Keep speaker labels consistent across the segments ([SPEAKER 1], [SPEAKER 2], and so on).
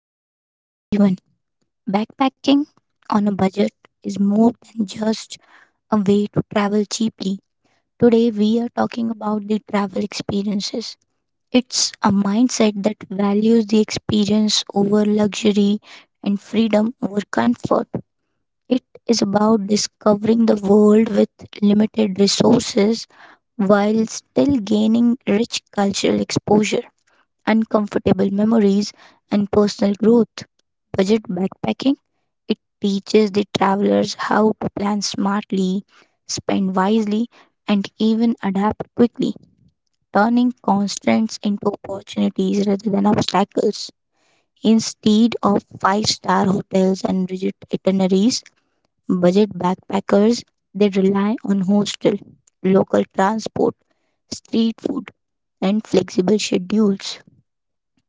[SPEAKER 1] back everyone. Backpacking on a budget is more than just a way to travel cheaply. Today we are talking about the travel experiences. It's a mindset that values the experience over luxury and freedom over comfort. It is about discovering the world with limited resources while still gaining rich cultural exposure, uncomfortable memories, and personal growth. Budget backpacking it teaches the travelers how to plan smartly, spend wisely, and even adapt quickly, turning constraints into opportunities rather than obstacles. Instead of five-star hotels and rigid itineraries, budget backpackers they rely on hostel, local transport, street food, and flexible schedules.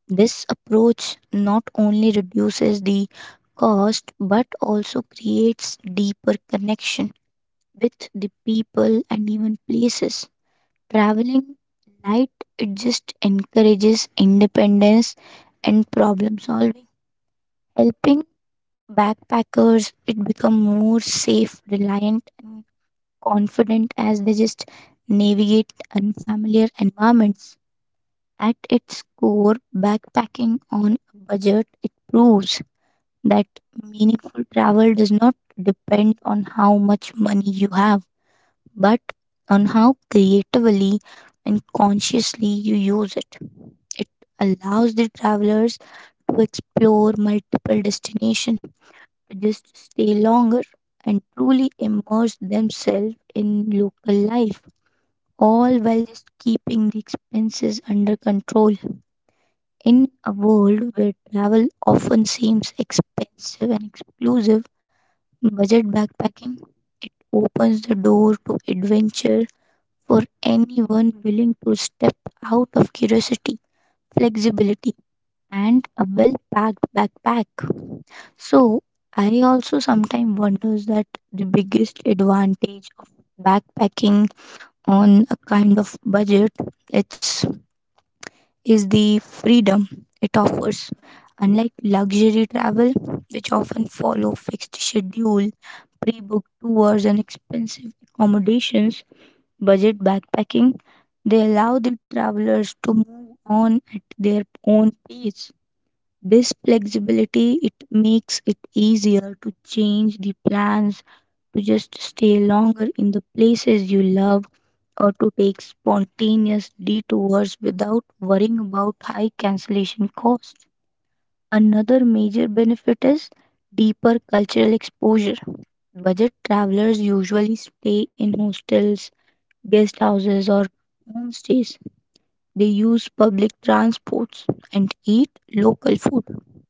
[SPEAKER 1] This approach not only reduces the cost but also creates deeper connection with the people and even places. Traveling light it just encourages independence and problem solving, helping backpackers it become more safe, reliant and confident as they just navigate unfamiliar environments. At its core, backpacking on a budget it proves that meaningful travel does not depend on how much money you have, but on how creatively and consciously you use it. It allows the travelers to explore multiple destinations, to just stay longer, and truly immerse themselves in local life, all while just keeping the expenses under control. In a world where travel often seems expensive and exclusive, budget backpacking it opens the door to adventure for anyone willing to step out of curiosity, flexibility, and a well packed backpack. So, I also sometimes wonders that the biggest advantage of backpacking on a kind of budget it's is the freedom it offers. Unlike luxury travel, which often follow fixed schedule, pre-booked tours and expensive accommodations, budget backpacking, they allow the travelers to move on at their own pace. This flexibility it makes it easier to change the plans, to just stay longer in the places you love, or to take spontaneous detours without worrying about high cancellation costs. Another major benefit is deeper cultural exposure. Budget travelers usually stay in hostels, guest houses, or homestays. They use public transports and eat local food.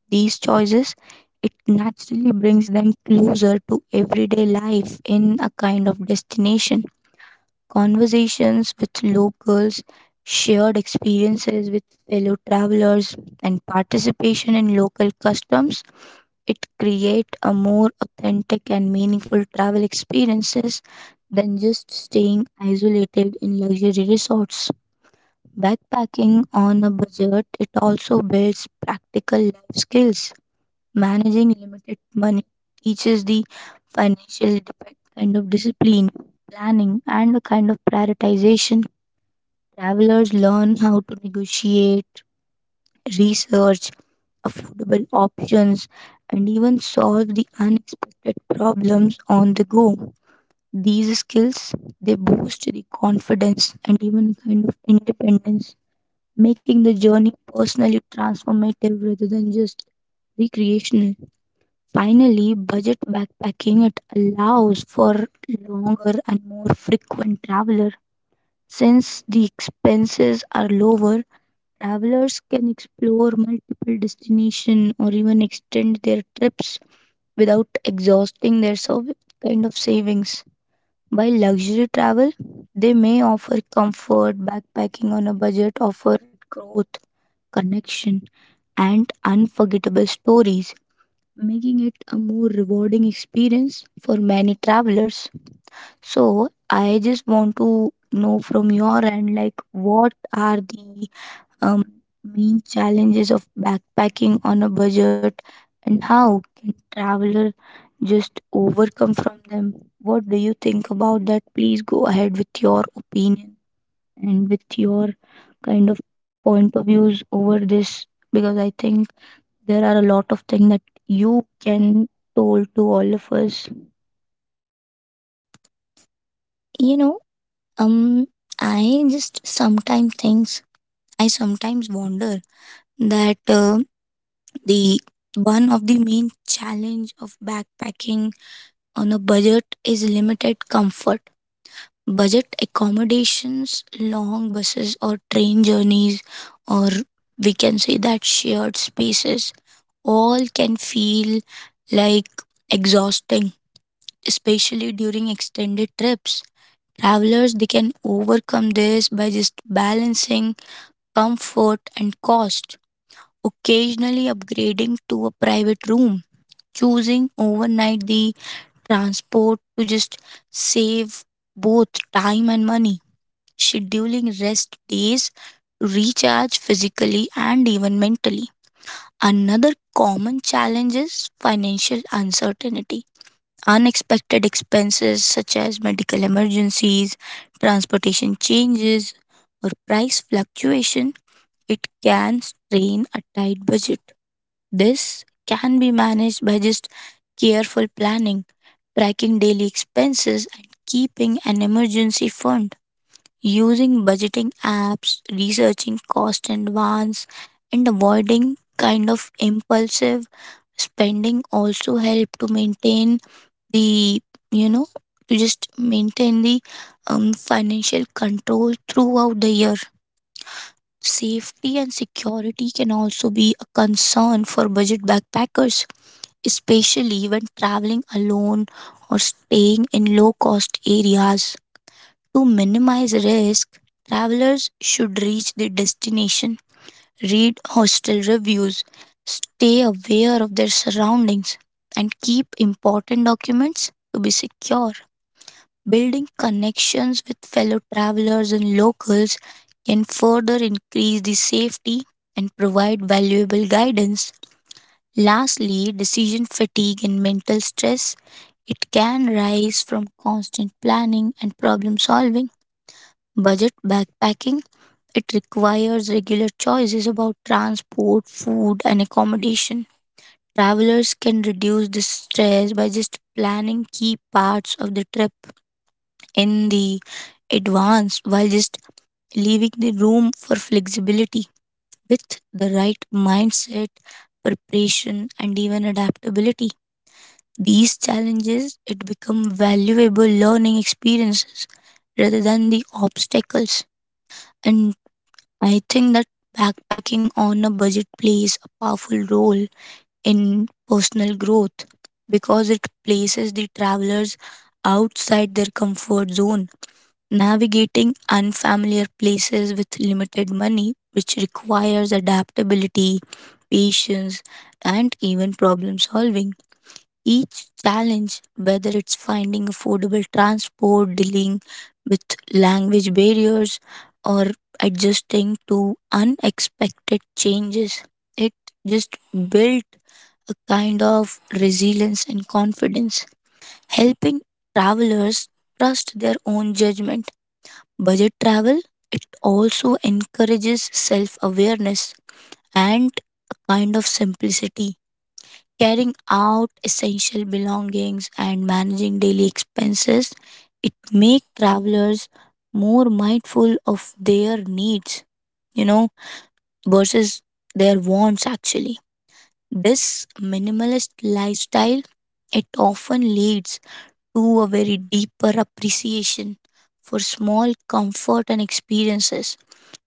[SPEAKER 1] These choices it naturally brings them closer to everyday life in a kind of destination. Conversations with locals, shared experiences with fellow travelers, and participation in local customs, it create a more authentic and meaningful travel experiences than just staying isolated in luxury resorts. Backpacking on a budget, it also builds practical life skills. Managing limited money teaches the financial kind of discipline, planning, and a kind of prioritization. Travelers learn how to negotiate, research affordable options, and even solve the unexpected problems on the go. These skills they boost the confidence and even kind of independence, making the journey personally transformative rather than just recreational. Finally, budget backpacking it allows for longer and more frequent traveler since the expenses are lower. Travelers can explore multiple destinations or even extend their trips without exhausting their kind of savings. While luxury travel, they may offer comfort, backpacking on a budget, offer growth, connection, and unforgettable stories, making it a more rewarding experience for many travelers. So, I just want to know from your end, like, what are the um, mean challenges of backpacking on a budget, and how can traveler just overcome from them? What do you think about that? Please go ahead with your opinion and with your kind of point of views over this, because I think there are a lot of things that you can told to all of us.
[SPEAKER 2] You know, um, I just sometimes thinks I sometimes wonder that the one of the main challenge of backpacking on a budget is limited comfort. Budget accommodations, long buses or train journeys, or we can say that shared spaces, all can feel like exhausting, especially during extended trips. Travelers they can overcome this by just balancing comfort and cost, occasionally upgrading to a private room, choosing overnight the transport to just save both time and money, scheduling rest days to recharge physically and even mentally. Another common challenge is financial uncertainty. Unexpected expenses such as medical emergencies, transportation changes, or price fluctuation, it can strain a tight budget. This can be managed by just careful planning, tracking daily expenses, and keeping an emergency fund. Using budgeting apps, researching cost in advance, and avoiding kind of impulsive spending also help to maintain the you know to just maintain the financial control throughout the year. Safety and security can also be a concern for budget backpackers, especially when traveling alone or staying in low cost areas. To minimize risk, travelers should reach their destination, read hostel reviews, stay aware of their surroundings, and keep important documents to be secure. Building connections with fellow travelers and locals can further increase the safety and provide valuable guidance. Lastly, decision fatigue and mental stress. It can rise from constant planning and problem solving. Budget backpacking. It requires regular choices about transport, food, and accommodation. Travelers can reduce this stress by just planning key parts of the trip in the advance while just leaving the room for flexibility. With the right mindset, preparation, and even adaptability, these challenges it become valuable learning experiences rather than the obstacles. And I think that backpacking on a budget plays a powerful role in personal growth because it places the travelers outside their comfort zone, navigating unfamiliar places with limited money, which requires adaptability, patience, and even problem solving. Each challenge, whether it's finding affordable transport, dealing with language barriers, or adjusting to unexpected changes, it just built a kind of resilience and confidence, helping travelers trust their own judgment. Budget travel, it also encourages self awareness and a kind of simplicity. Carrying out essential belongings and managing daily expenses, it makes travelers more mindful of their needs, you know, versus their wants actually. This minimalist lifestyle, it often leads to a very deeper appreciation for small comfort and experiences,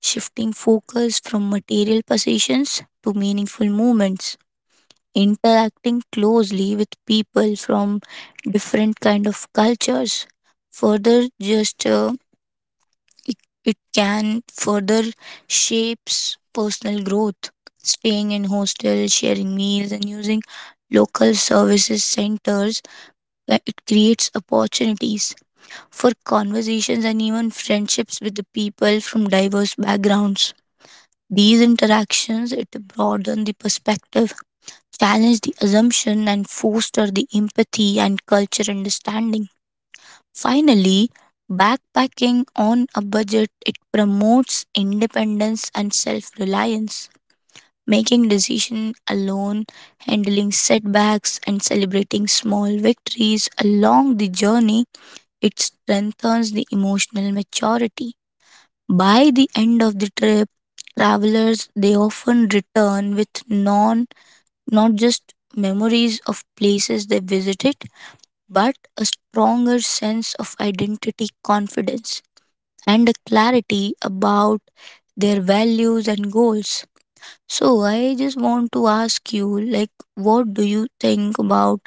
[SPEAKER 2] shifting focus from material possessions to meaningful moments, interacting closely with people from different kind of cultures. Further, just it, it can further shapes personal growth. Staying in hostels, sharing meals, and using local services centers, where it creates opportunities for conversations and even friendships with the people from diverse backgrounds. These interactions it broaden the perspective, challenge the assumption and foster the empathy and culture understanding. Finally, backpacking on a budget it promotes independence and self-reliance. Making decision alone, handling setbacks and celebrating small victories along the journey it strengthens the emotional maturity. By the end of the trip, travelers they often return with non not just memories of places they visited, but a stronger sense of identity, confidence, and a clarity about their values and goals. So I just want to ask you, like, what do you think about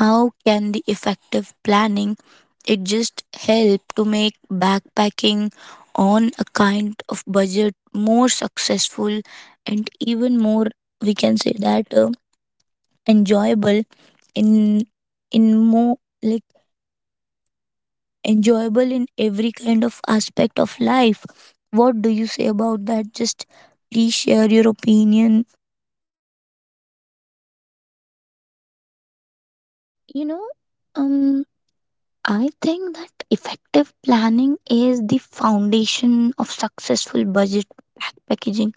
[SPEAKER 2] how can the effective planning it just help to make backpacking on a kind of budget more successful and even more, we can say that enjoyable in in more like enjoyable in every kind of aspect of life. What do you say about that? Just please share your opinion.
[SPEAKER 1] You know, um, I think that effective planning is the foundation of successful budget packaging,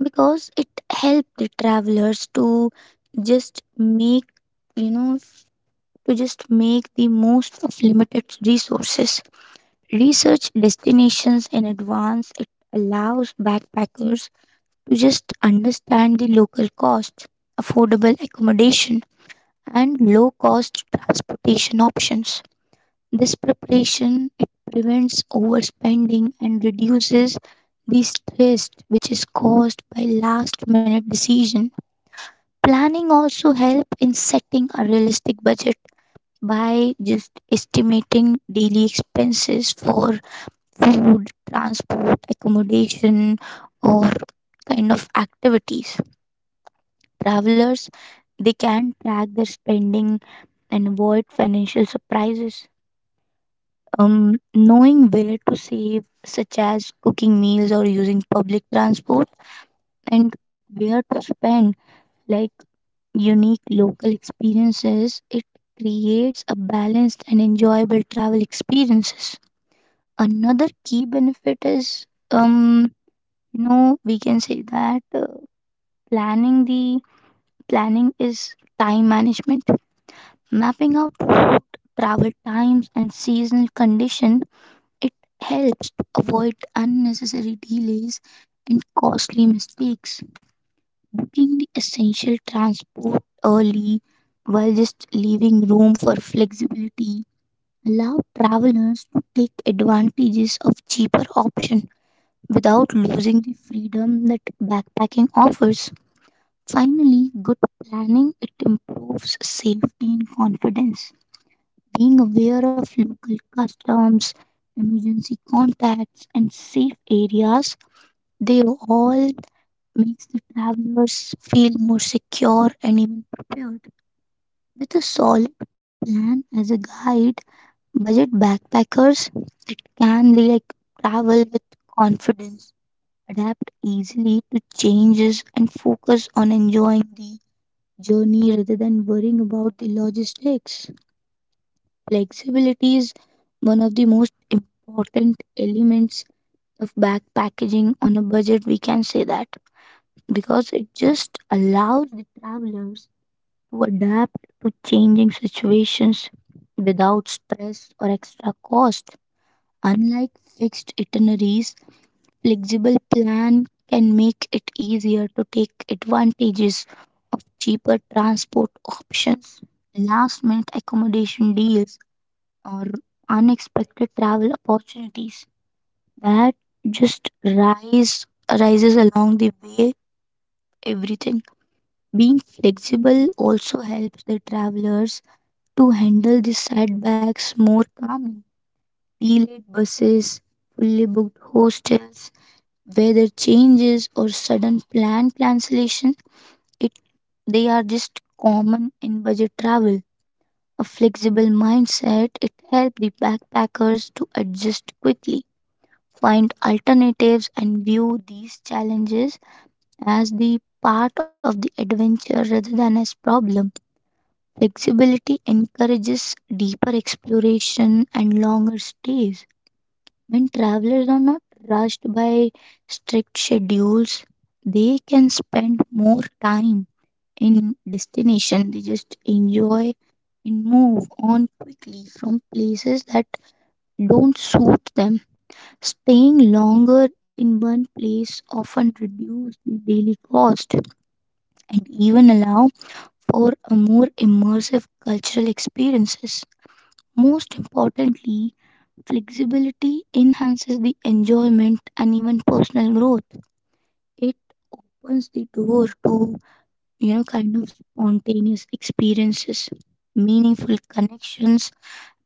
[SPEAKER 1] because it helped the travelers just make to just make the most of limited resources. Research destinations in advance, it allows backpackers to just understand the local cost, affordable accommodation, and low cost transportation options. This preparation it prevents overspending and reduces the stress which is caused by last minute decision. Planning also helps in setting a realistic budget by just estimating daily expenses for food, transport, accommodation, or kind of activities. Travelers they can track their spending and avoid financial surprises. Knowing where to save, such as cooking meals or using public transport, and where to spend, like unique local experiences, it creates a balanced and enjoyable travel experiences. Another key benefit is, we can say that planning the planning is time management. Mapping out route, travel times, and seasonal condition, it helps to avoid unnecessary delays and costly mistakes. Booking the essential transport early while just leaving room for flexibility, allow travelers to take advantages of cheaper option without losing the freedom that backpacking offers. Finally, good planning it improves safety and confidence. Being aware of local customs, emergency contacts, and safe areas, they all makes the travelers feel more secure and even prepared. With a solid plan as a guide, budget backpackers it can like travel with confidence, adapt easily to changes, and focus on enjoying the journey rather than worrying about the logistics. Flexibility is one of the most important elements of backpacking on a budget, we can say that, because it just allows the travelers to adapt to changing situations without stress or extra cost. Unlike fixed itineraries, flexible plan can make it easier to take advantages of cheaper transport options, last minute accommodation deals, or unexpected travel opportunities that just rise arises along the way everything. Being flexible also helps the travelers to handle the setbacks more calmly. Delayed buses, fully booked hostels, weather changes, or sudden plan cancellation, it, they are just common in budget travel. A flexible mindset, it helps the backpackers to adjust quickly, find alternatives, and view these challenges as the part of the adventure rather than as problem. Flexibility encourages deeper exploration and longer stays. When travelers are not rushed by strict schedules, they can spend more time in destination. They just enjoy and move on quickly from places that don't suit them. Staying longer in one place often reduces the daily cost and even allow for a more immersive cultural experiences. Most importantly, flexibility enhances the enjoyment and even personal growth. It opens the door to, kind of spontaneous experiences, meaningful connections,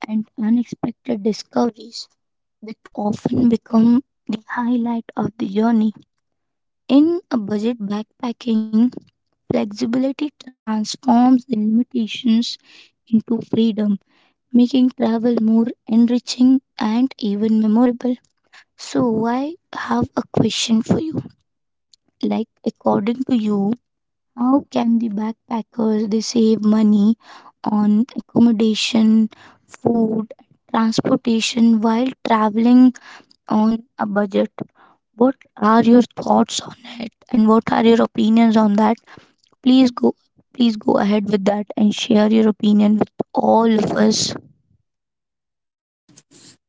[SPEAKER 1] and unexpected discoveries that often become the highlight of the journey. In a budget backpacking, flexibility transforms the limitations into freedom, making travel more enriching and even memorable. So, I have a question for you. Like, according to you, how can the backpackers they save money on accommodation, food, transportation while traveling on a budget? What are your thoughts on it, and what are your opinions on that? Please go, Please go ahead with that and share your opinion with all of us.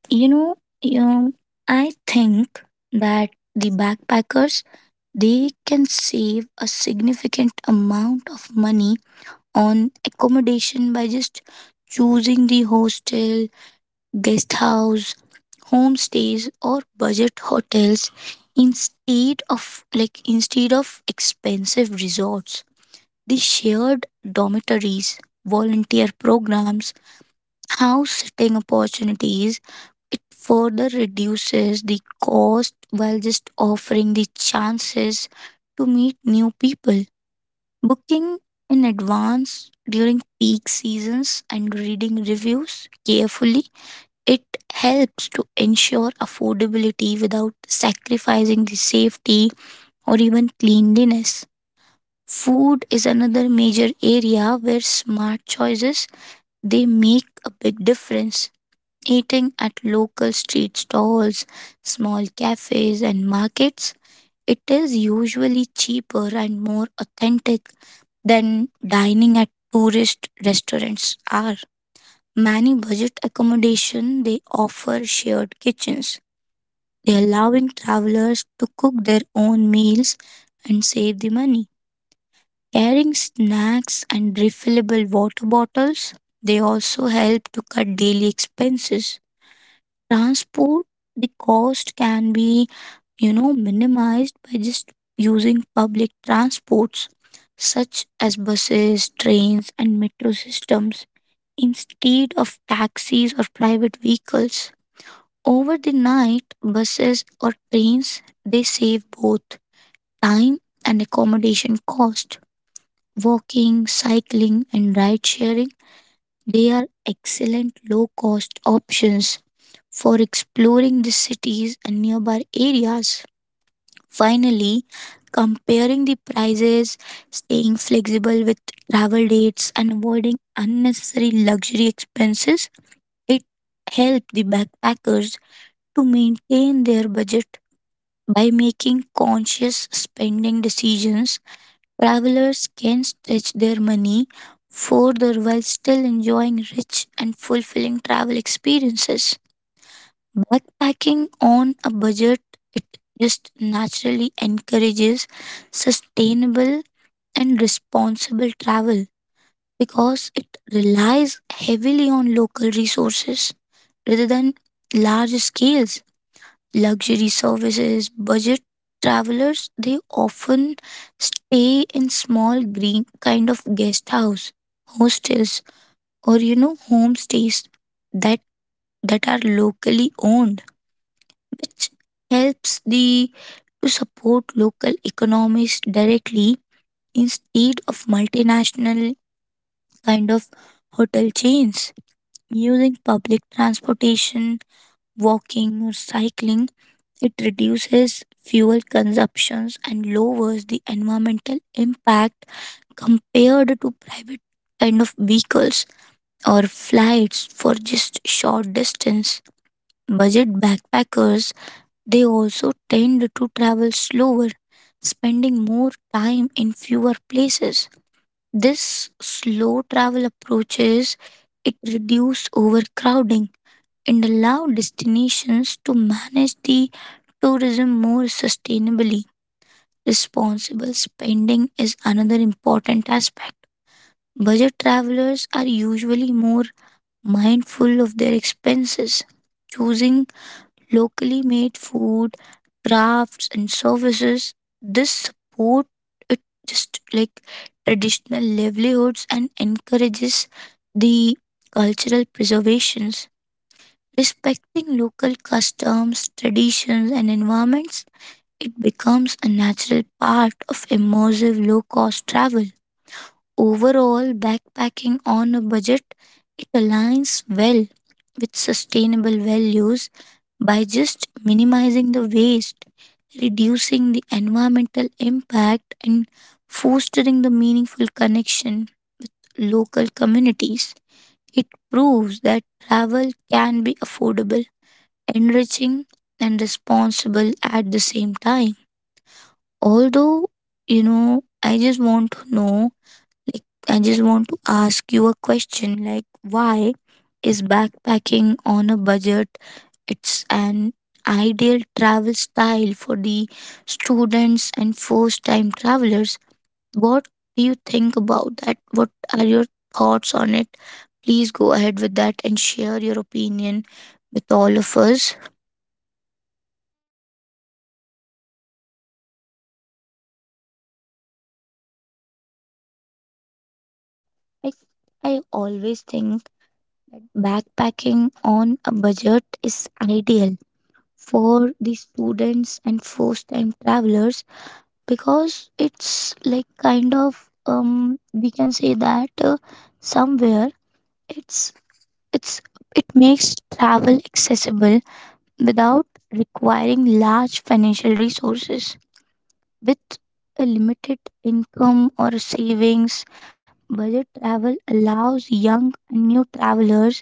[SPEAKER 2] You know, um, I think that the backpackers they can save a significant amount of money on accommodation by just choosing the hostel, guest house, homestays, or budget hotels instead of expensive resorts. The shared dormitories, volunteer programs, house sitting opportunities, it further reduces the cost while just offering the chances to meet new people. Booking in advance during peak seasons and reading reviews carefully, it helps to ensure affordability without sacrificing the safety or even cleanliness. Food is another major area where smart choices they make a big difference. Eating at local street stalls, small cafes, and markets, it is usually cheaper and more authentic than dining at tourist restaurants are. Many budget accommodation they offer shared kitchens. They allowing travelers to cook their own meals and save the money. Carrying snacks and refillable water bottles, they also help to cut daily expenses. Transport, the cost can be, you know, minimized by just using public transports such as buses, trains, and metro systems instead of taxis or private vehicles. Over the night, buses or trains they save both time and accommodation cost. Walking, cycling, and ride sharing they are excellent low cost options for exploring the cities and nearby areas. Finally, comparing the prices, staying flexible with travel dates, and avoiding unnecessary luxury expenses, it helped the backpackers to maintain their budget. By making conscious spending decisions, travelers can stretch their money further while still enjoying rich and fulfilling travel experiences. Backpacking on a budget, it just naturally encourages sustainable and responsible travel because it relies heavily on local resources rather than large scales. Luxury services, budget travelers, they often stay in small green kind of guest house, hostels, or you know, homestays that that are locally owned, which helps the to support local economies directly instead of multinational kind of hotel chains. Using public transportation, walking or cycling, it reduces fuel consumptions and lowers the environmental impact compared to private kind of vehicles or flights for just short distance. Budget backpackers they also tend to travel slower, spending more time in fewer places. This slow travel approaches it reduce overcrowding and allow destinations to manage the tourism more sustainably. Responsible spending is another important aspect. Budget travelers are usually more mindful of their expenses, choosing locally made food, crafts, and services. This support it just like traditional livelihoods and encourages the cultural preservations. Respecting local customs, traditions, and environments, it becomes a natural part of immersive low cost travel. Overall, backpacking on a budget it aligns well with sustainable values by just minimizing the waste, reducing the environmental impact, and fostering the meaningful connection local communities. It proves that travel can be affordable, enriching, and responsible at the same time. Although, I just want to know like, I just want to ask you a question like, why is backpacking on a budget? It's an ideal travel style for the students and first time travelers. What do you think about that? What are your thoughts on it? Please go ahead with that and share your opinion with all of us.
[SPEAKER 1] I I always think backpacking on a budget is ideal for the students and first time travelers because it's like kind of we can say that somewhere it's it's it makes travel accessible without requiring large financial resources. With a limited income or savings, budget travel allows young and new travelers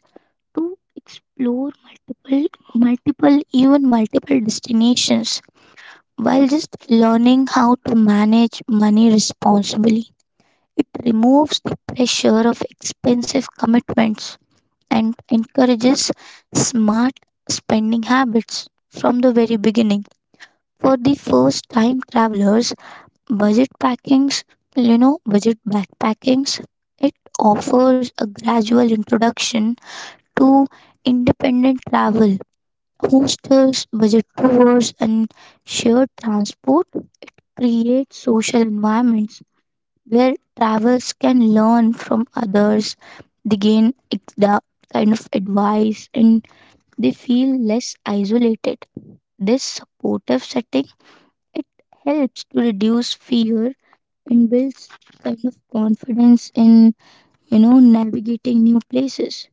[SPEAKER 1] to explore multiple destinations while just learning how to manage money responsibly. It removes the pressure of expensive commitments and encourages smart spending habits from the very beginning. For the first time travelers, budget packings, you know, budget backpackings, it offers a gradual introduction to independent travel. Hostels, budget tours, and shared transport create social environments where travelers can learn from others, they gain the kind of advice, and they feel less isolated. This supportive setting it helps to reduce fear and builds kind of confidence in, navigating new places.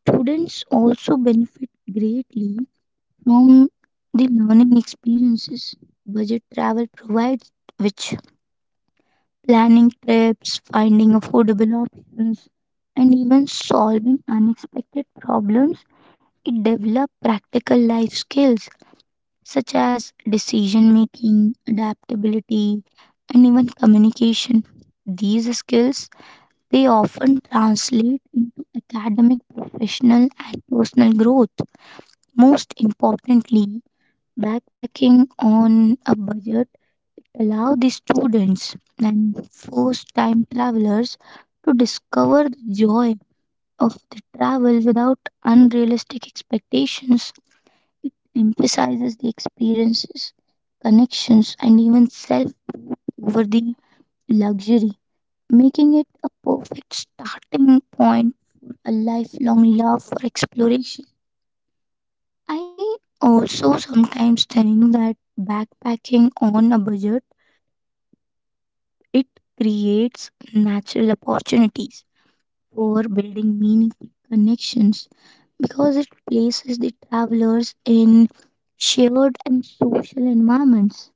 [SPEAKER 1] Students also benefit greatly from the learning experiences budget travel provides, which planning trips, finding affordable options, and even solving unexpected problems. It develops practical life skills such as decision making, adaptability, and even communication. These skills they often translate into academic, professional, and personal growth. Most importantly, backpacking on a budget allow the students and first-time travelers to discover the joy of the travel without unrealistic expectations. It emphasizes the experiences, connections, and even self over the luxury, making it a perfect starting point for a lifelong love for exploration. I also sometimes think that backpacking on a budget, it creates natural opportunities for building meaningful connections because it places the travelers in shared and social environments.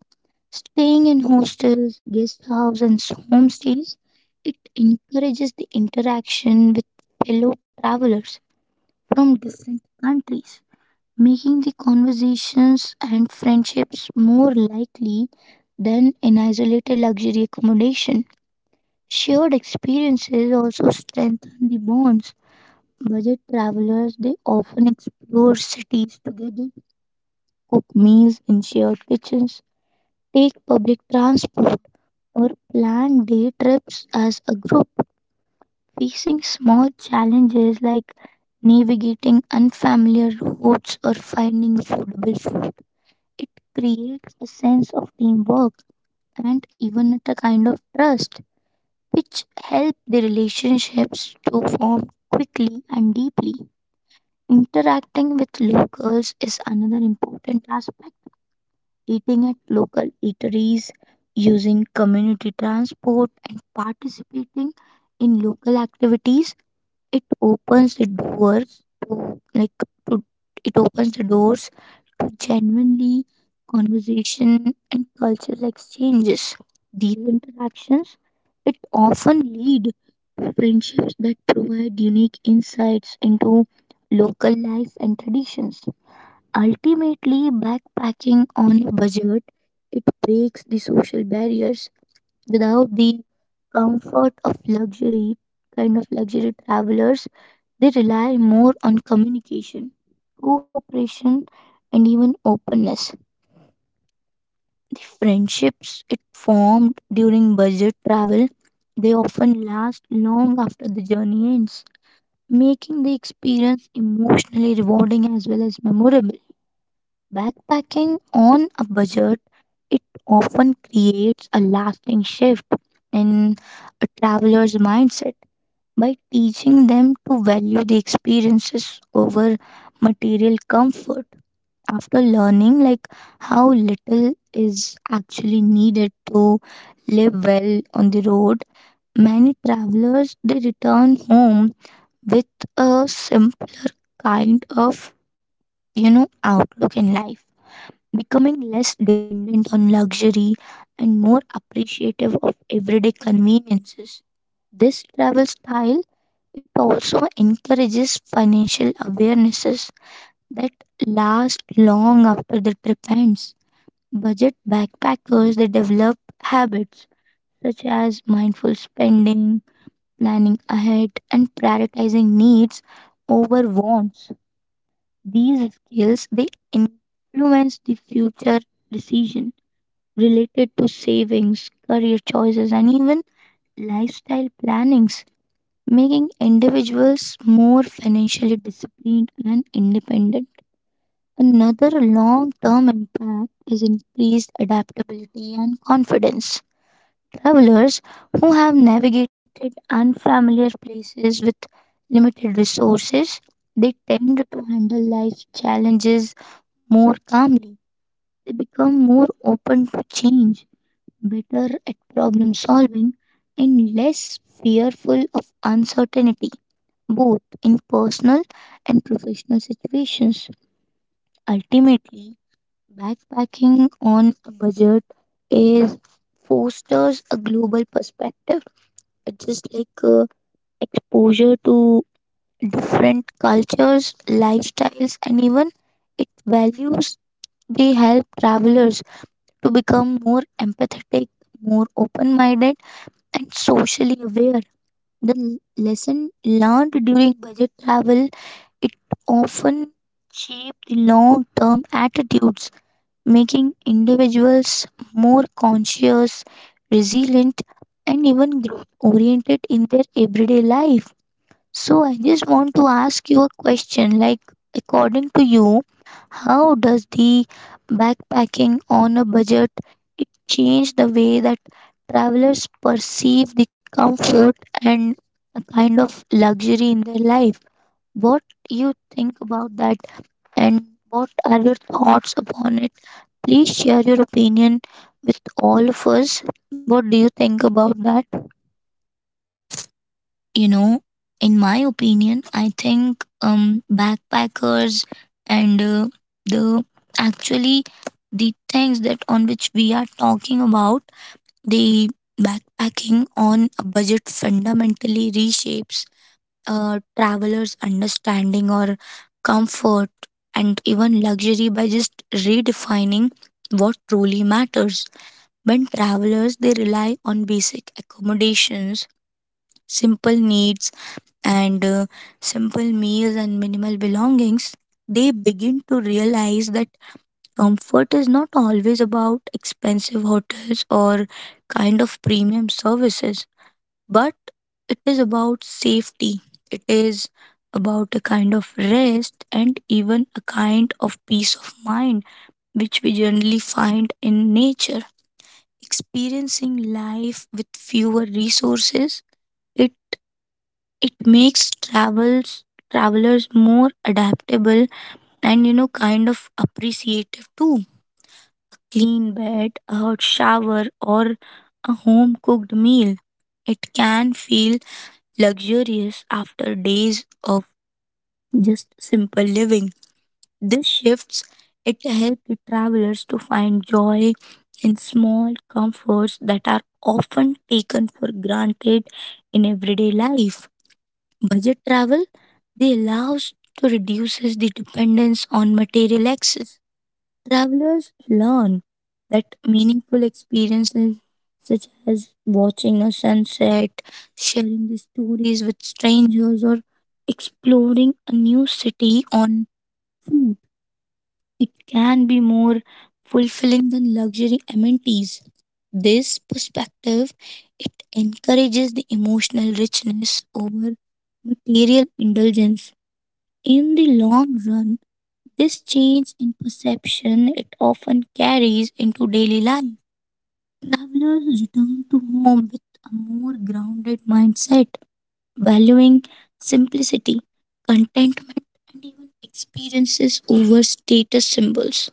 [SPEAKER 1] Staying in hostels, guest houses, and homestays, it encourages the interaction with fellow travelers from different countries, making the conversations and friendships more likely than in isolated luxury accommodation. Shared experiences also strengthen the bonds. Budget travelers they often explore cities together, cook meals in shared kitchens, take public transport, or plan day trips as a group. Facing small challenges like navigating unfamiliar routes or finding suitable food, it creates a sense of teamwork and even at a kind of trust, which help the relationships to form quickly and deeply. Interacting with locals is another important aspect. Eating at local eateries, using community transport, and participating in local activities it opens the doors to like to it opens the doors to genuinely conversation and cultural exchanges. These interactions it often lead to friendships that provide unique insights into local life and traditions. Ultimately, backpacking on a budget it breaks the social barriers without the comfort of luxury luxury travelers they rely more on communication, cooperation, and even openness. Friendships it formed during budget travel, they often last long after the journey ends, making the experience emotionally rewarding as well as memorable. Backpacking on a budget, it often creates a lasting shift in a traveler's mindset by teaching them to value the experiences over material comfort. After learning how little is actually needed to live well on the road, many travelers they return home with a simpler kind of outlook in life, becoming less dependent on luxury and more appreciative of everyday conveniences. This travel style it also encourages financial awarenesses that last long after the trip ends. Budget backpackers they develop habits such as mindful spending, planning ahead, and prioritizing needs over wants. These skills they influence the future decision related to savings, career choices, and even lifestyle plannings, making individuals more financially disciplined and independent. Another long term impact is increased adaptability and confidence. Travelers who have navigated unfamiliar places with limited resources, they tend to handle life's challenges more calmly. They become more open to change, better at problem solving, and less fearful of uncertainty both in personal and professional situations. Ultimately, backpacking on a budget is fosters a global perspective. It's just like exposure to different cultures, lifestyles, and even it values. They help travelers to become more empathetic, more open-minded, and socially aware. The lesson learned during budget travel it often shapes the long term attitudes, making individuals more conscious, resilient, and even growth oriented in their everyday life. So, I just want to ask you a question, according to you, how does the backpacking on a budget it change the way that travelers perceive the comfort and a kind of luxury in their life? What you think about that, and what are your thoughts upon it? Please share your opinion with all of us. What do you think about that?
[SPEAKER 2] You know, in my opinion, I think backpackers and the actually the things that on which we are talking about, the backpacking on a budget fundamentally reshapes a traveler's understanding or comfort and even luxury by just redefining what truly matters. When travelers they rely on basic accommodations, simple needs, and simple meals and minimal belongings, they begin to realize that comfort is not always about expensive hotels or kind of premium services, but it is about safety. It is about a kind of rest and even a kind of peace of mind, which we generally find in nature. Experiencing life with fewer resources, it it makes travels travelers more adaptable and you know kind of appreciative too. Clean bed, a hot shower, or a home cooked meal it can feel luxurious after days of just simple living. This shifts it helps the travelers to find joy in small comforts that are often taken for granted in everyday life. Budget travel they allows to reduces the dependence on material access. Travelers learn that meaningful experiences such as watching a sunset, sharing the stories with strangers, or exploring a new city on foot it can be more fulfilling than luxury amenities. This perspective it encourages the emotional richness over material indulgence. In the long run, this change in perception it often carries into daily life. Travelers return to home with a more grounded mindset, valuing simplicity, contentment, and even experiences over status symbols.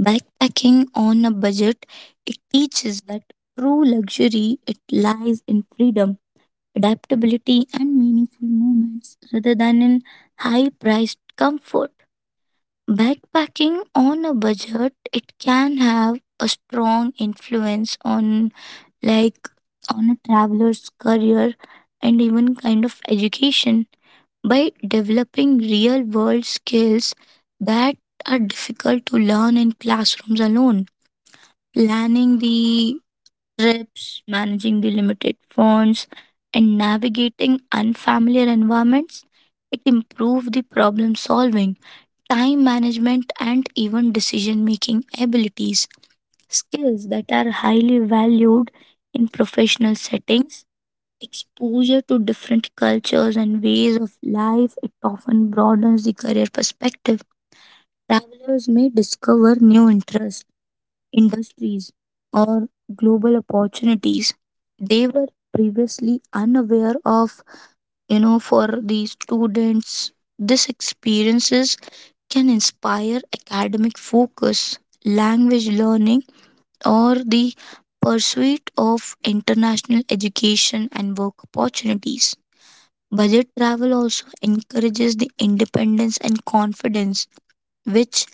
[SPEAKER 2] Backpacking on a budget, it teaches that true luxury it lies in freedom, adaptability, and meaningful moments rather than in high priced comfort. Backpacking on a budget, it can have a strong influence on like on a traveler's career and even kind of education by developing real world skills that are difficult to learn in classrooms alone. Planning the trips, managing the limited funds, and navigating unfamiliar environments. It improves the problem solving, time management, and even decision making abilities, skills that are highly valued in professional settings. Exposure to different cultures and ways of life, it often broadens the career perspective. Travelers may discover new interests, industries, or global opportunities they were previously unaware of. You know, for the students, these experiences can inspire academic focus, language learning, or the pursuit of international education and work opportunities. Budget travel also encourages the independence and confidence, which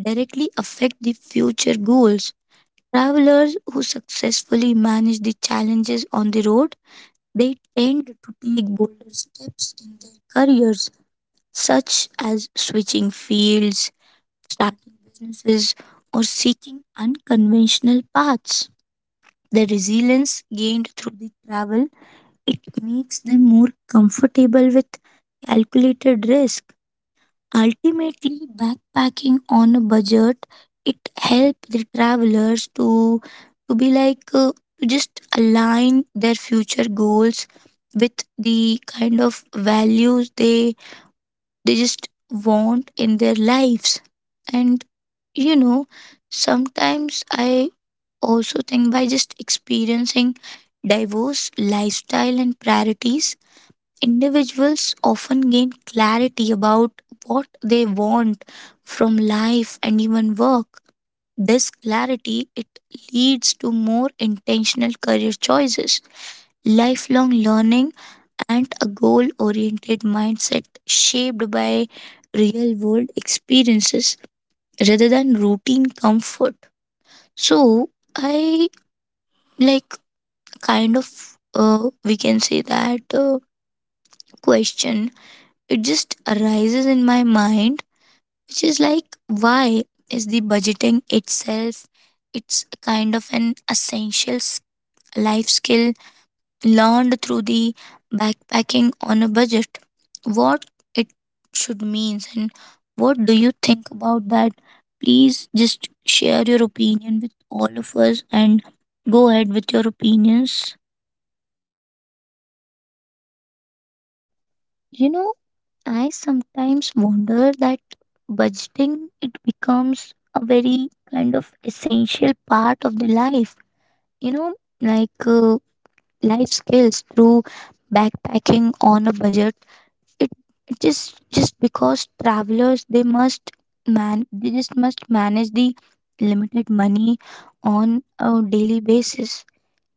[SPEAKER 2] directly affect the future goals. Travelers who successfully manage the challenges on the road, they tend to take bolder steps in their careers, such as switching fields, starting businesses, or seeking unconventional paths. The resilience gained through the travel, it makes them more comfortable with calculated risk. Ultimately, backpacking on a budget, it helps the travelers to be like to just align their future goals with the kind of values they just want in their lives. And you know, sometimes I also think, by just experiencing diverse lifestyle and priorities, individuals often gain clarity about what they want from life and even work. This clarity, it leads to more intentional career choices, lifelong learning, and a goal-oriented mindset shaped by real-world experiences rather than routine comfort. So, I, like, kind of, we can say that, question, it just arises in my mind, which is like, why is the budgeting itself, it's kind of an essential life skill learned through the backpacking on a budget? What it should means, and what do you think about that? Please just share your opinion with all of us and go ahead with your opinions.
[SPEAKER 1] You know, I sometimes wonder that budgeting it becomes a very kind of essential part of the life, you know like uh, life skills through backpacking on a budget, it, it is just because travelers they must man they just must manage the limited money on a daily basis.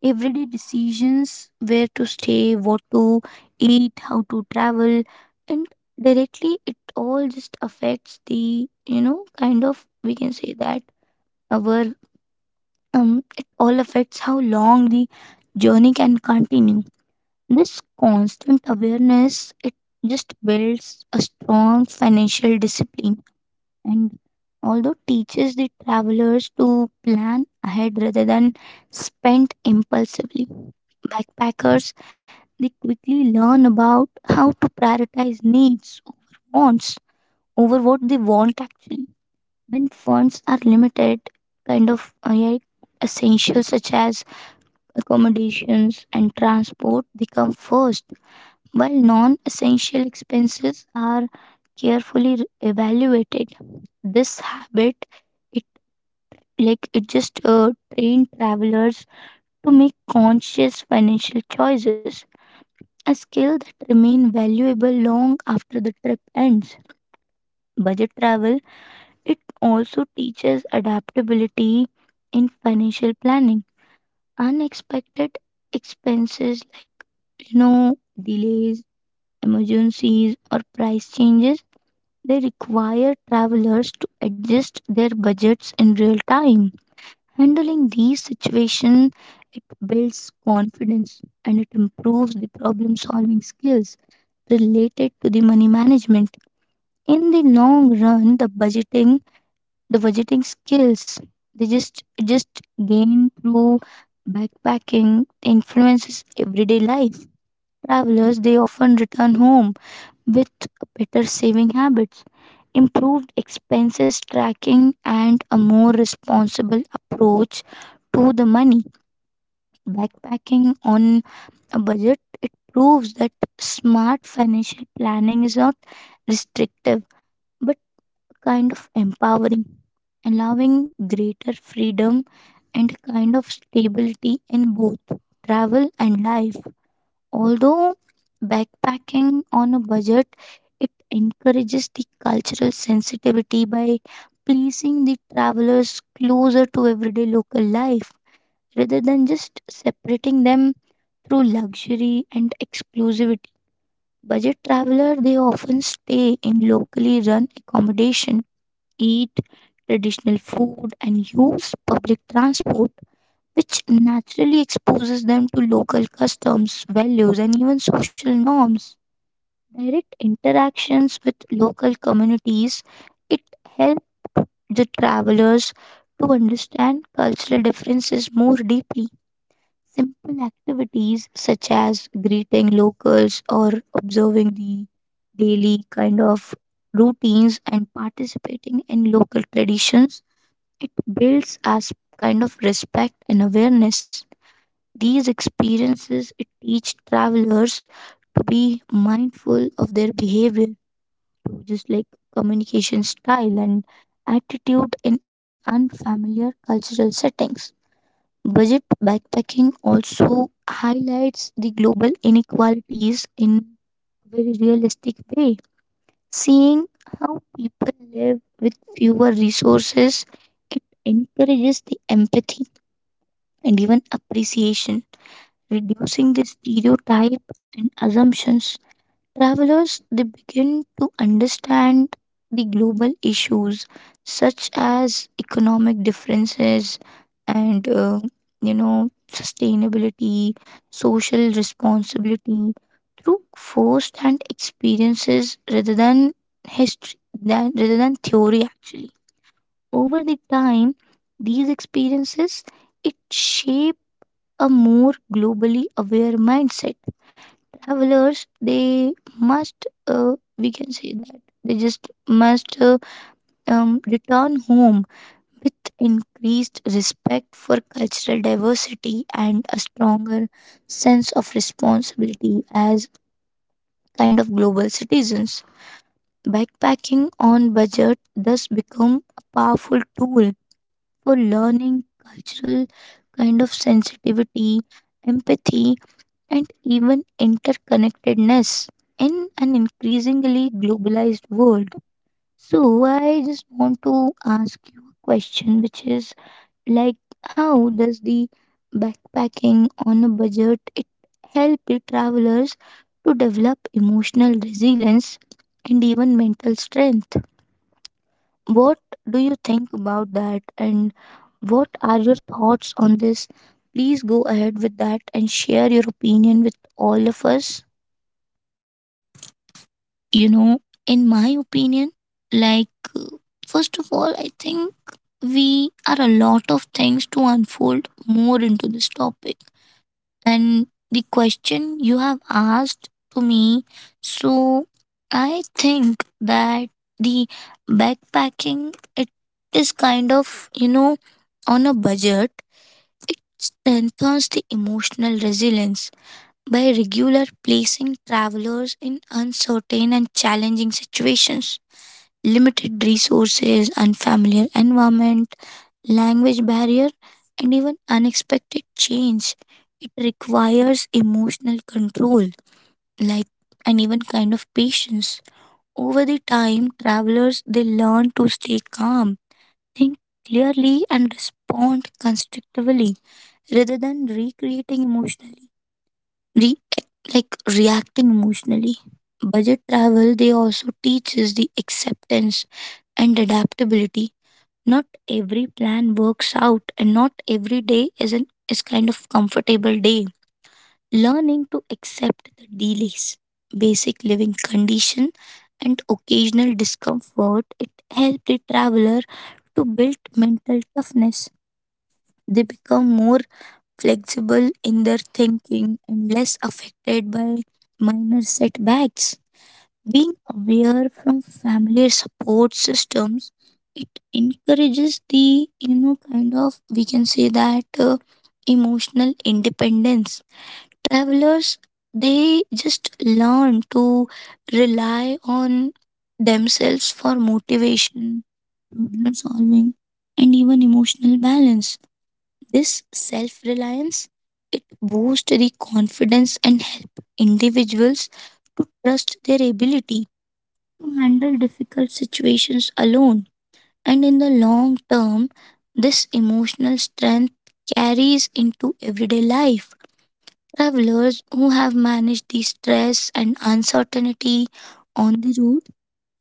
[SPEAKER 1] Everyday decisions, where to stay, what to eat, how to travel, and directly it all just affects the, you know kind of we can say that our, um it all affects how long the journey can continue. This constant awareness it just builds a strong financial discipline and although teaches the travelers to plan ahead rather than spend impulsively. Backpackers they quickly learn about how to prioritize needs, wants over what they want actually. When funds are limited, yeah, essentials such as accommodations and transport they come first, while non essential expenses are carefully evaluated. This habit it it just train travelers to make conscious financial choices, a skill that remain valuable long after the trip ends. Budget travel it also teaches adaptability in financial planning. Unexpected expenses, like, you know, delays, emergencies, or price changes, they require travelers to adjust their budgets in real time. Handling these situations, it builds confidence and it improves the problem solving skills related to the money management. In the long run, the budgeting skills, they just gain through backpacking influences everyday life. Travelers, they often return home with better saving habits, improved expenses tracking, and a more responsible approach to the money. Backpacking on a budget, it proves that smart financial planning is not restrictive but kind of empowering, allowing greater freedom and kind of stability in both travel and life. Although backpacking on a budget, it encourages the cultural sensitivity by placing the travelers closer to everyday local life rather than just separating them through luxury and exclusivity. Budget traveler they often stay in locally run accommodation, eat traditional food and use public transport, which naturally exposes them to local customs, values and even social norms. Direct interactions with local communities, it helped the travelers to understand cultural differences more deeply. Simple activities such as greeting locals or observing the daily routines and participating in local traditions, it builds as kind of respect and awareness. These experiences it teach travelers to be mindful of their behavior, to just like communication style and attitude in unfamiliar cultural settings. Budget backpacking also highlights the global inequalities in a very realistic way. Seeing how people live with fewer resources, it encourages the empathy and even appreciation, reducing the stereotype and assumptions. Travelers they begin to understand the global issues such as economic differences and, sustainability, social responsibility through first-hand experiences rather than history than rather than theory actually. Over the time, these experiences it shape a more globally aware mindset. Travelers they must we can say that they just must return home with increased respect for cultural diversity and a stronger sense of responsibility as kind of global citizens. Backpacking on budget thus become a powerful tool for learning cultural kind of sensitivity, empathy, and even interconnectedness in an increasingly globalized world. So, I just want to ask you a question, which is like, how does the backpacking on a budget it help the travelers to develop emotional resilience and even mental strength? What do you think about that, and what are your thoughts on this? Please go ahead with that and share your opinion with all of us.
[SPEAKER 2] You know, in my opinion, like, uh, first of all, I think we are a lot of things to unfold more into this topic. And the question you have asked to me, so I think that the backpacking, it is kind of, you know, on a budget, it strengthens the emotional resilience by regular placing travelers in uncertain and challenging situations. Limited resources, unfamiliar environment, language barrier, and even unexpected change. It requires emotional control, like, and even kind of patience. Over the time, travelers, they learn to stay calm, think clearly, and respond constructively rather than recreating emotionally, re- like reacting emotionally. Budget travel, they also teach us the acceptance and adaptability. Not every plan works out, and not every day is an is kind of comfortable day. Learning to accept the delays, basic living condition, and occasional discomfort, it helps the traveler to build mental toughness. They become more flexible in their thinking, and less affected by minor setbacks. Being aware from familiar support systems, it encourages the, you know, kind of, we can say that, emotional independence. Travelers, they just learn to rely on themselves for motivation, problem solving, and even emotional balance. This self-reliance, it boosts the confidence and help individuals to trust their ability to handle difficult situations alone. And in the long term, this emotional strength carries into everyday life. Travelers who have managed the stress and uncertainty on the road,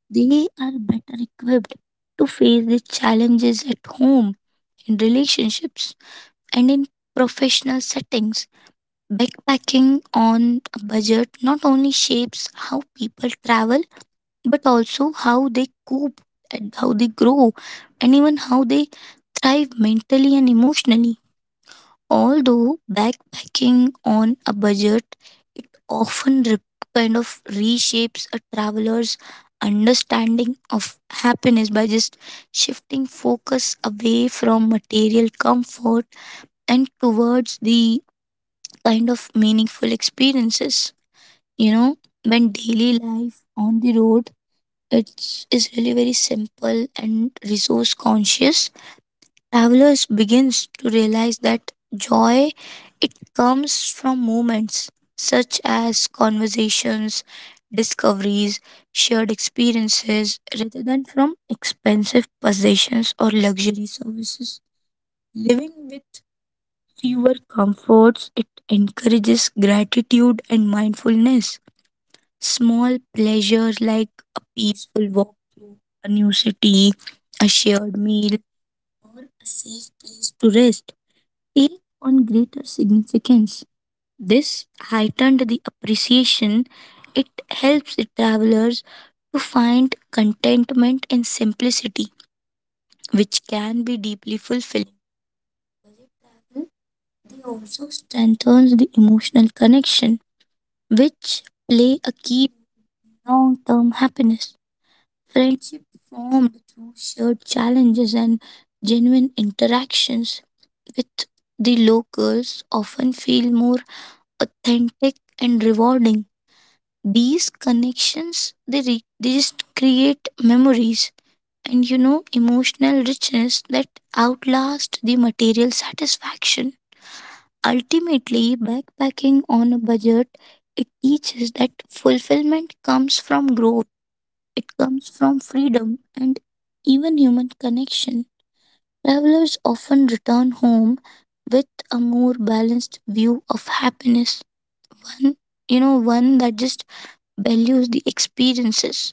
[SPEAKER 2] they are better equipped to face the challenges at home, in relationships, and in professional settings. Backpacking on a budget not only shapes how people travel, but also how they cope, and how they grow, and even how they thrive mentally and emotionally. Although backpacking on a budget, it often kind of reshapes a traveler's understanding of happiness by just shifting focus away from material comfort and towards the kind of meaningful experiences. You know, when daily life on the road, it's is really very simple and resource conscious, travelers begins to realize that joy, it comes from moments such as conversations, discoveries, shared experiences rather than from expensive possessions or luxury services. Living with fewer comforts, it encourages gratitude and mindfulness. Small pleasures like a peaceful walk through a new city, a shared meal, a safe place to rest, take on greater significance. This heightened the appreciation. It helps the travelers to find contentment in simplicity, which can be deeply fulfilling. They also strengthens the emotional connection, which play a key long term happiness. Friendship formed through shared challenges and genuine interactions with the locals often feel more authentic and rewarding. These connections they just create memories and, you know, emotional richness that outlast the material satisfaction. Ultimately, backpacking on a budget, it teaches that fulfillment comes from growth, it comes from freedom and even human connection. Travelers often return home with a more balanced view of happiness. One, you know, one that just values the experiences,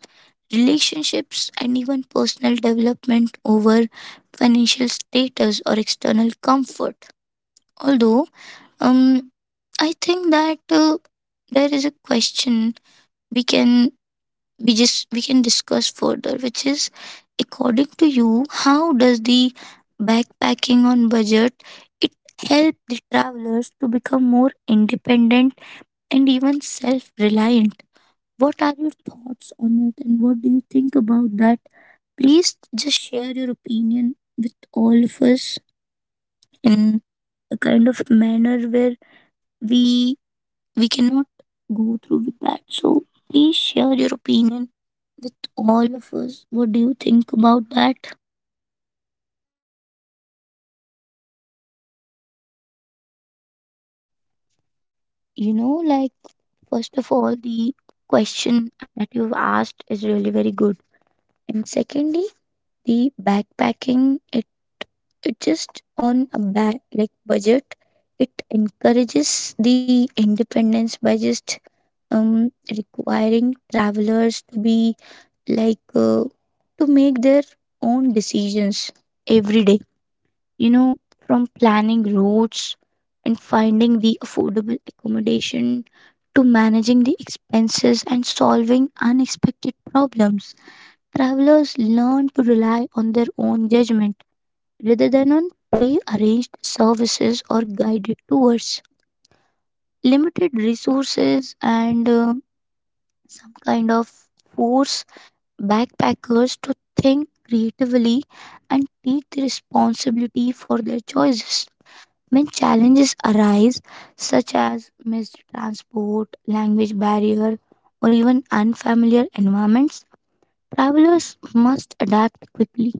[SPEAKER 2] relationships, and even personal development over financial status or external comfort. Although, um, I think that, there is a question we can, we can discuss further, which is, according to you, how does the backpacking on budget, it help the travelers to become more independent and even self-reliant? What are your thoughts on it, and what do you think about that? Please just share your opinion with all of us in a kind of manner where we we cannot go through with that. So please share your opinion with all of us. What do you think about that?
[SPEAKER 1] You know, like, first of all, the question that you've asked is really very good. And secondly, the backpacking, it just on a budget, it encourages the independence by just requiring travelers to be like to make their own decisions every day, you know, from planning routes and finding the affordable accommodation to managing the expenses and solving unexpected problems. Travelers learn to rely on their own judgment rather than on pre arranged services or guided tours. Limited resources and, some kind of force backpackers to think creatively and take the responsibility for their choices. When challenges arise, such as missed transport, language barrier, or even unfamiliar environments, travelers must adapt quickly.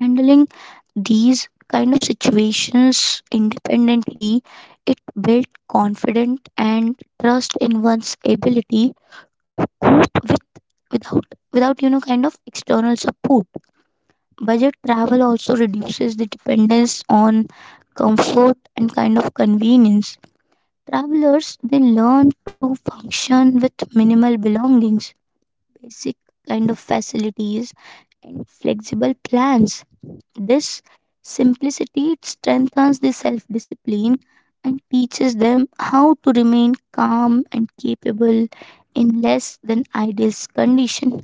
[SPEAKER 1] Handling these kind of situations independently, it builds confidence and trust in one's ability to cope with, without without kind of external support. Budget travel also reduces the dependence on comfort and kind of convenience. Travelers they learn to function with minimal belongings, basic kind of facilities and flexible plans. This simplicity it strengthens the self-discipline and teaches them how to remain calm and capable in less than ideal condition.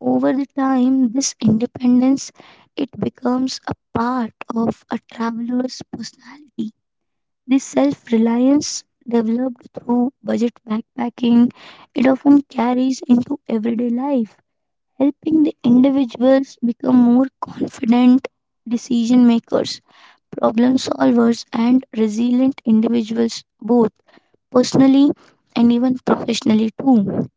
[SPEAKER 1] Over the time, this independence it becomes a part of a traveler's personality. This self reliance developed through budget backpacking, it often carries into everyday life, helping the individuals become more confident decision makers, problem solvers, and resilient individuals, both personally and even professionally, too.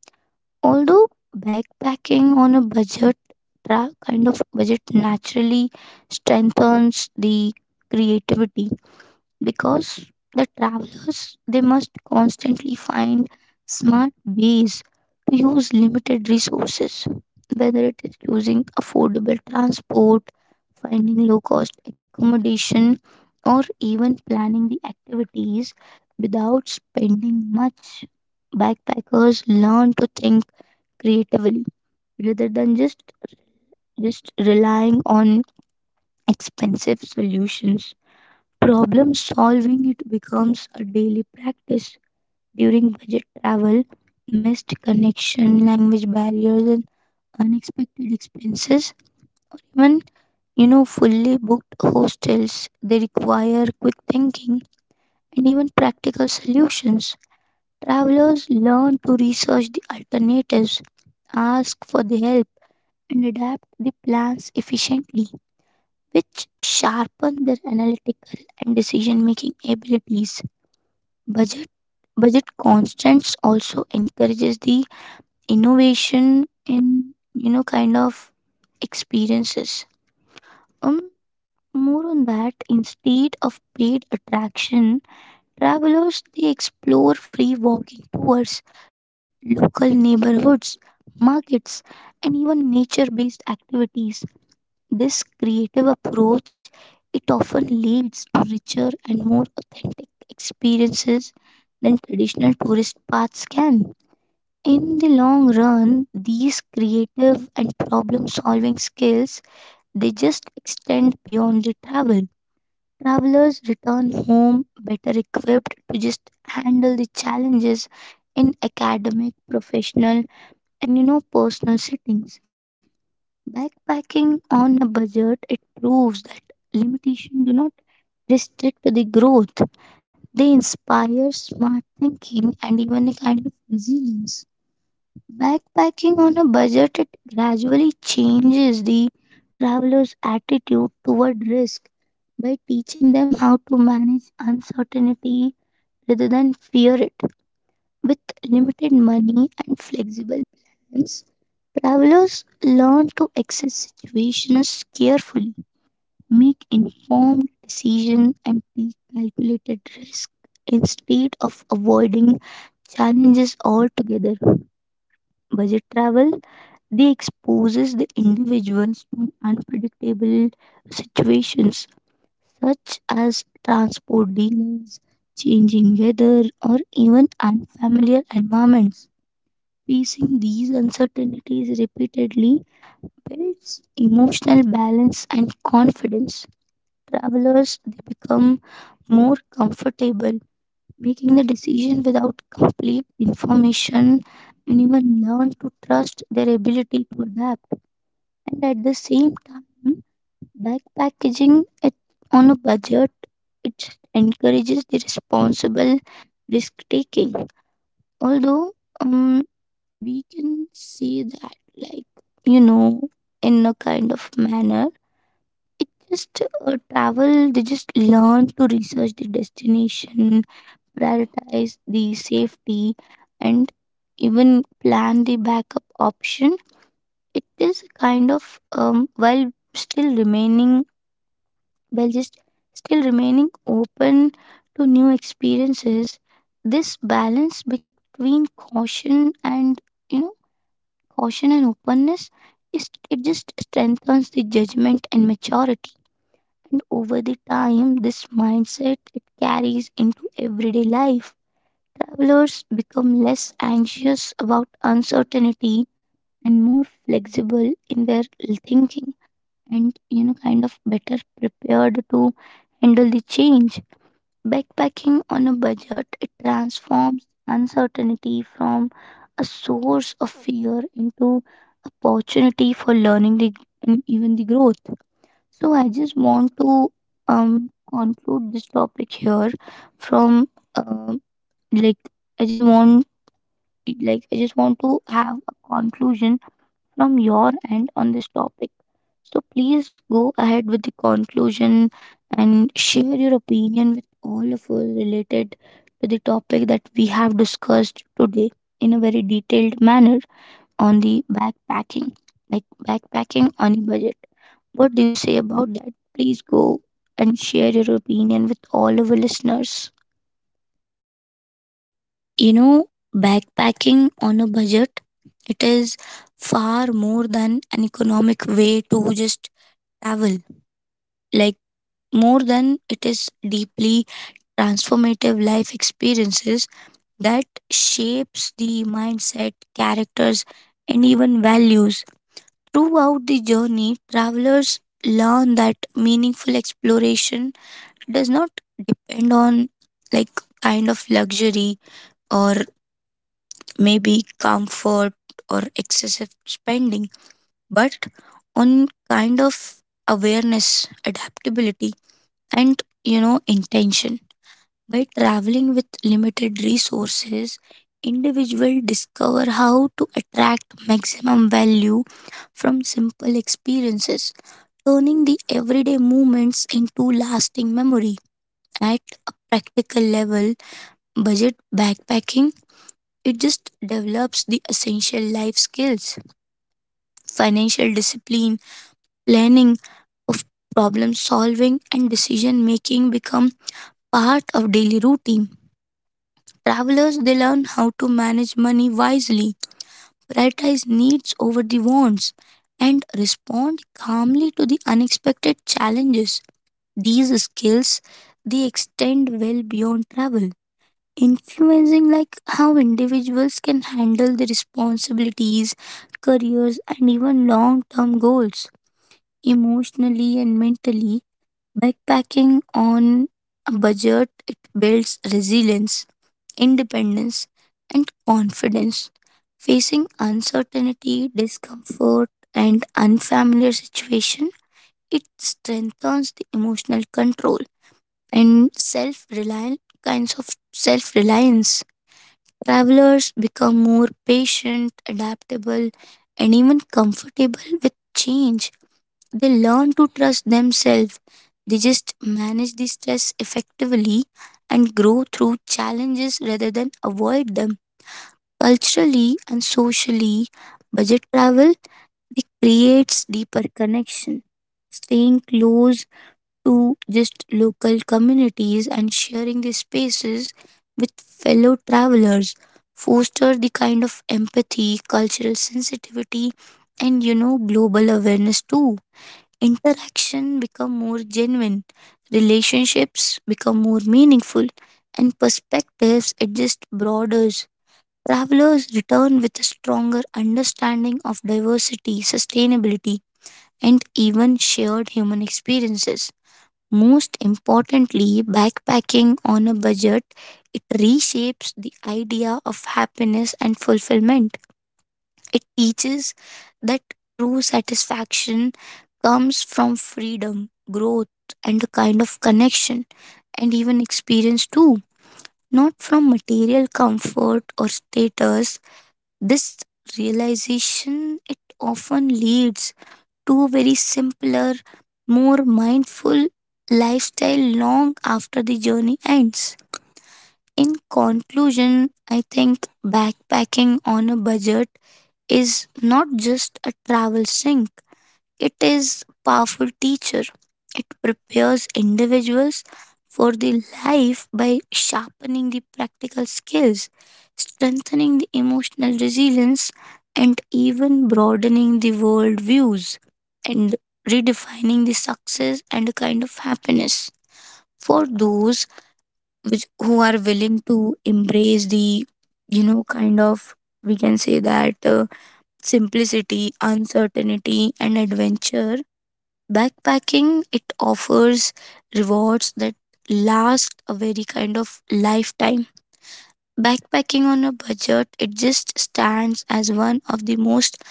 [SPEAKER 1] Although backpacking on a budget tra- kind of budget naturally strengthens the creativity because the travelers they must constantly find smart ways to use limited resources, whether it is using affordable transport, finding low cost accommodation, or even planning the activities without spending much. Backpackers learn to think creatively rather than just relying on expensive solutions. Problem solving it becomes a daily practice during budget travel, missed connection, language barriers, and unexpected expenses. Even you know fully booked hostels, they require quick thinking and even practical solutions. Travelers learn to research the alternatives, ask for the help, and adapt the plans efficiently, which sharpen their analytical and decision making abilities. Budget budget constraints also encourages the innovation in experiences, um more on that. Instead of paid attraction, travelers they explore free walking tours, local neighborhoods, markets, and even nature based activities. This creative approach it often leads to richer and more authentic experiences than traditional tourist paths can. In the long run, these creative and problem solving skills they just extend beyond the travel. Travelers return home better equipped to just handle the challenges in academic, professional, and you know personal settings. Backpacking on a budget it proves that limitation do not restrict the growth. They inspire smart thinking and even a kind of resilience. Backpacking on a budget it gradually changes the traveler's attitude toward risk by teaching them how to manage uncertainty rather than fear it. With limited money and flexible plans, travelers learn to assess situations carefully, make informed decisions, and take calculated risk instead of avoiding challenges altogether. Budget travel they exposes the individuals to unpredictable situations such as transport delays, changing weather, or even unfamiliar environments. Facing these uncertainties repeatedly builds emotional balance and confidence. Travelers they become more comfortable making the decision without complete information and even learn to trust their ability to adapt. And at the same time, backpackaging it on a budget, it encourages the responsible risk taking. Although, um we can see that, like you know in a kind of manner, it just travel they just learn to research the destination, prioritize the safety, and even plan the backup option. It is kind of, while still remaining well just still remaining open to new experiences. This balance between caution and you know openness, is it just strengthens the judgment and maturity. And over the time, this mindset it carries into everyday life. Travelers become less anxious about uncertainty and more flexible in their thinking, and you know kind of better prepared to handle the change. Backpacking on a budget it transforms uncertainty from a source of fear into opportunity for learning the, and even the growth. So I just want to conclude this topic here from, um like I just want, I just want to have a conclusion from your end on this topic. So please go ahead with the conclusion and share your opinion with all of us related to the topic that we have discussed today in a very detailed manner on the backpacking, like backpacking on a budget. What do you say about that? Please go and share your opinion with all of our listeners.
[SPEAKER 2] You know, backpacking on a budget, it is far more than an economic way to just travel. Like, more than, it is deeply transformative life experiences that shapes the mindset, characters, and even values. Throughout the journey, travelers learn that meaningful exploration does not depend on, like, kind of luxury, or maybe comfort, or excessive spending, but on kind of awareness, adaptability, and, you know, intention. By traveling with limited resources, individuals discover how to attract maximum value from simple experiences, turning the everyday moments into lasting memory. At a practical level, budget backpacking, it just develops the essential life skills, financial discipline, planning of problem solving and decision making become part of daily routine. Travelers, they learn how to manage money wisely, prioritize needs over the wants, and respond calmly to the unexpected challenges. These skills, they extend well beyond travel, influencing, like, how individuals can handle their responsibilities, careers, and even long-term goals emotionally and mentally. Backpacking on a budget, it builds resilience, independence, and confidence. Facing uncertainty, discomfort, and unfamiliar situation, it strengthens the emotional control and self reliant, kinds of self reliance. Travelers become more patient, adaptable, and even comfortable with change. They learn to trust themselves. They just manage the stress effectively and grow through challenges rather than avoid them. Culturally and socially, budget travel, it creates deeper connection. Staying close to just local communities and sharing these spaces with fellow travelers foster the kind of empathy, cultural sensitivity, and, you know, global awareness too. Interaction become more genuine, relationships become more meaningful, and perspectives, it just broadens. Travelers return with a stronger understanding of diversity, sustainability, and even shared human experiences. Most importantly, backpacking on a budget, it reshapes the idea of happiness and fulfillment. It teaches that true satisfaction comes from freedom, growth, and a kind of connection, and even experience too, not from material comfort or status. This realization, it often leads two very simpler, more mindful lifestyle long after the journey ends. In conclusion, I think backpacking on a budget is not just a travel sink. It is powerful teacher. It prepares individuals for the life by sharpening the practical skills, strengthening the emotional resilience, and even broadening the world views, and redefining the success and kind of happiness. For those which who are willing to embrace the, you know, kind of, we can say that, simplicity, uncertainty, and adventure. Backpacking it offers rewards that last a very kind of lifetime. Backpacking on a budget, it just stands as one of the most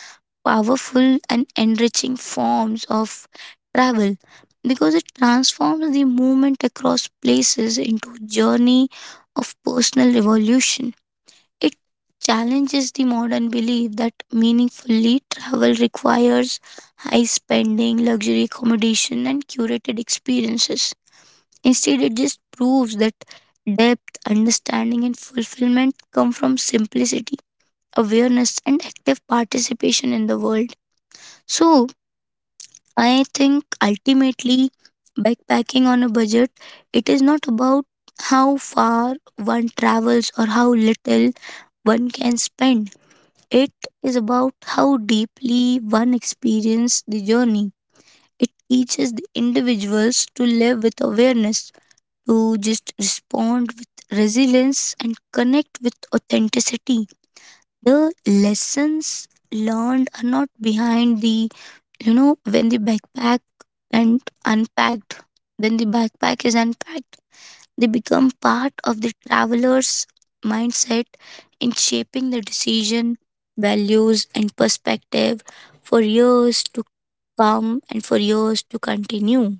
[SPEAKER 2] powerful and enriching forms of travel because it transforms the movement across places into a journey of personal evolution. It challenges the modern belief that meaningfully travel requires high spending, luxury accommodation, and curated experiences. Instead, it just proves that depth, understanding, and fulfillment come from simplicity, awareness, and active participation in the world. So, I think ultimately, backpacking on a budget, it is not about how far one travels or how little one can spend. It is about how deeply one experiences the journey. It teaches the individuals to live with awareness, to just respond with resilience, and connect with authenticity. The lessons learned are not behind the, you know, when the and unpacked, backpack is unpacked, they become part of the traveler's mindset in shaping the decision, values, and perspective for years to come and for years to continue.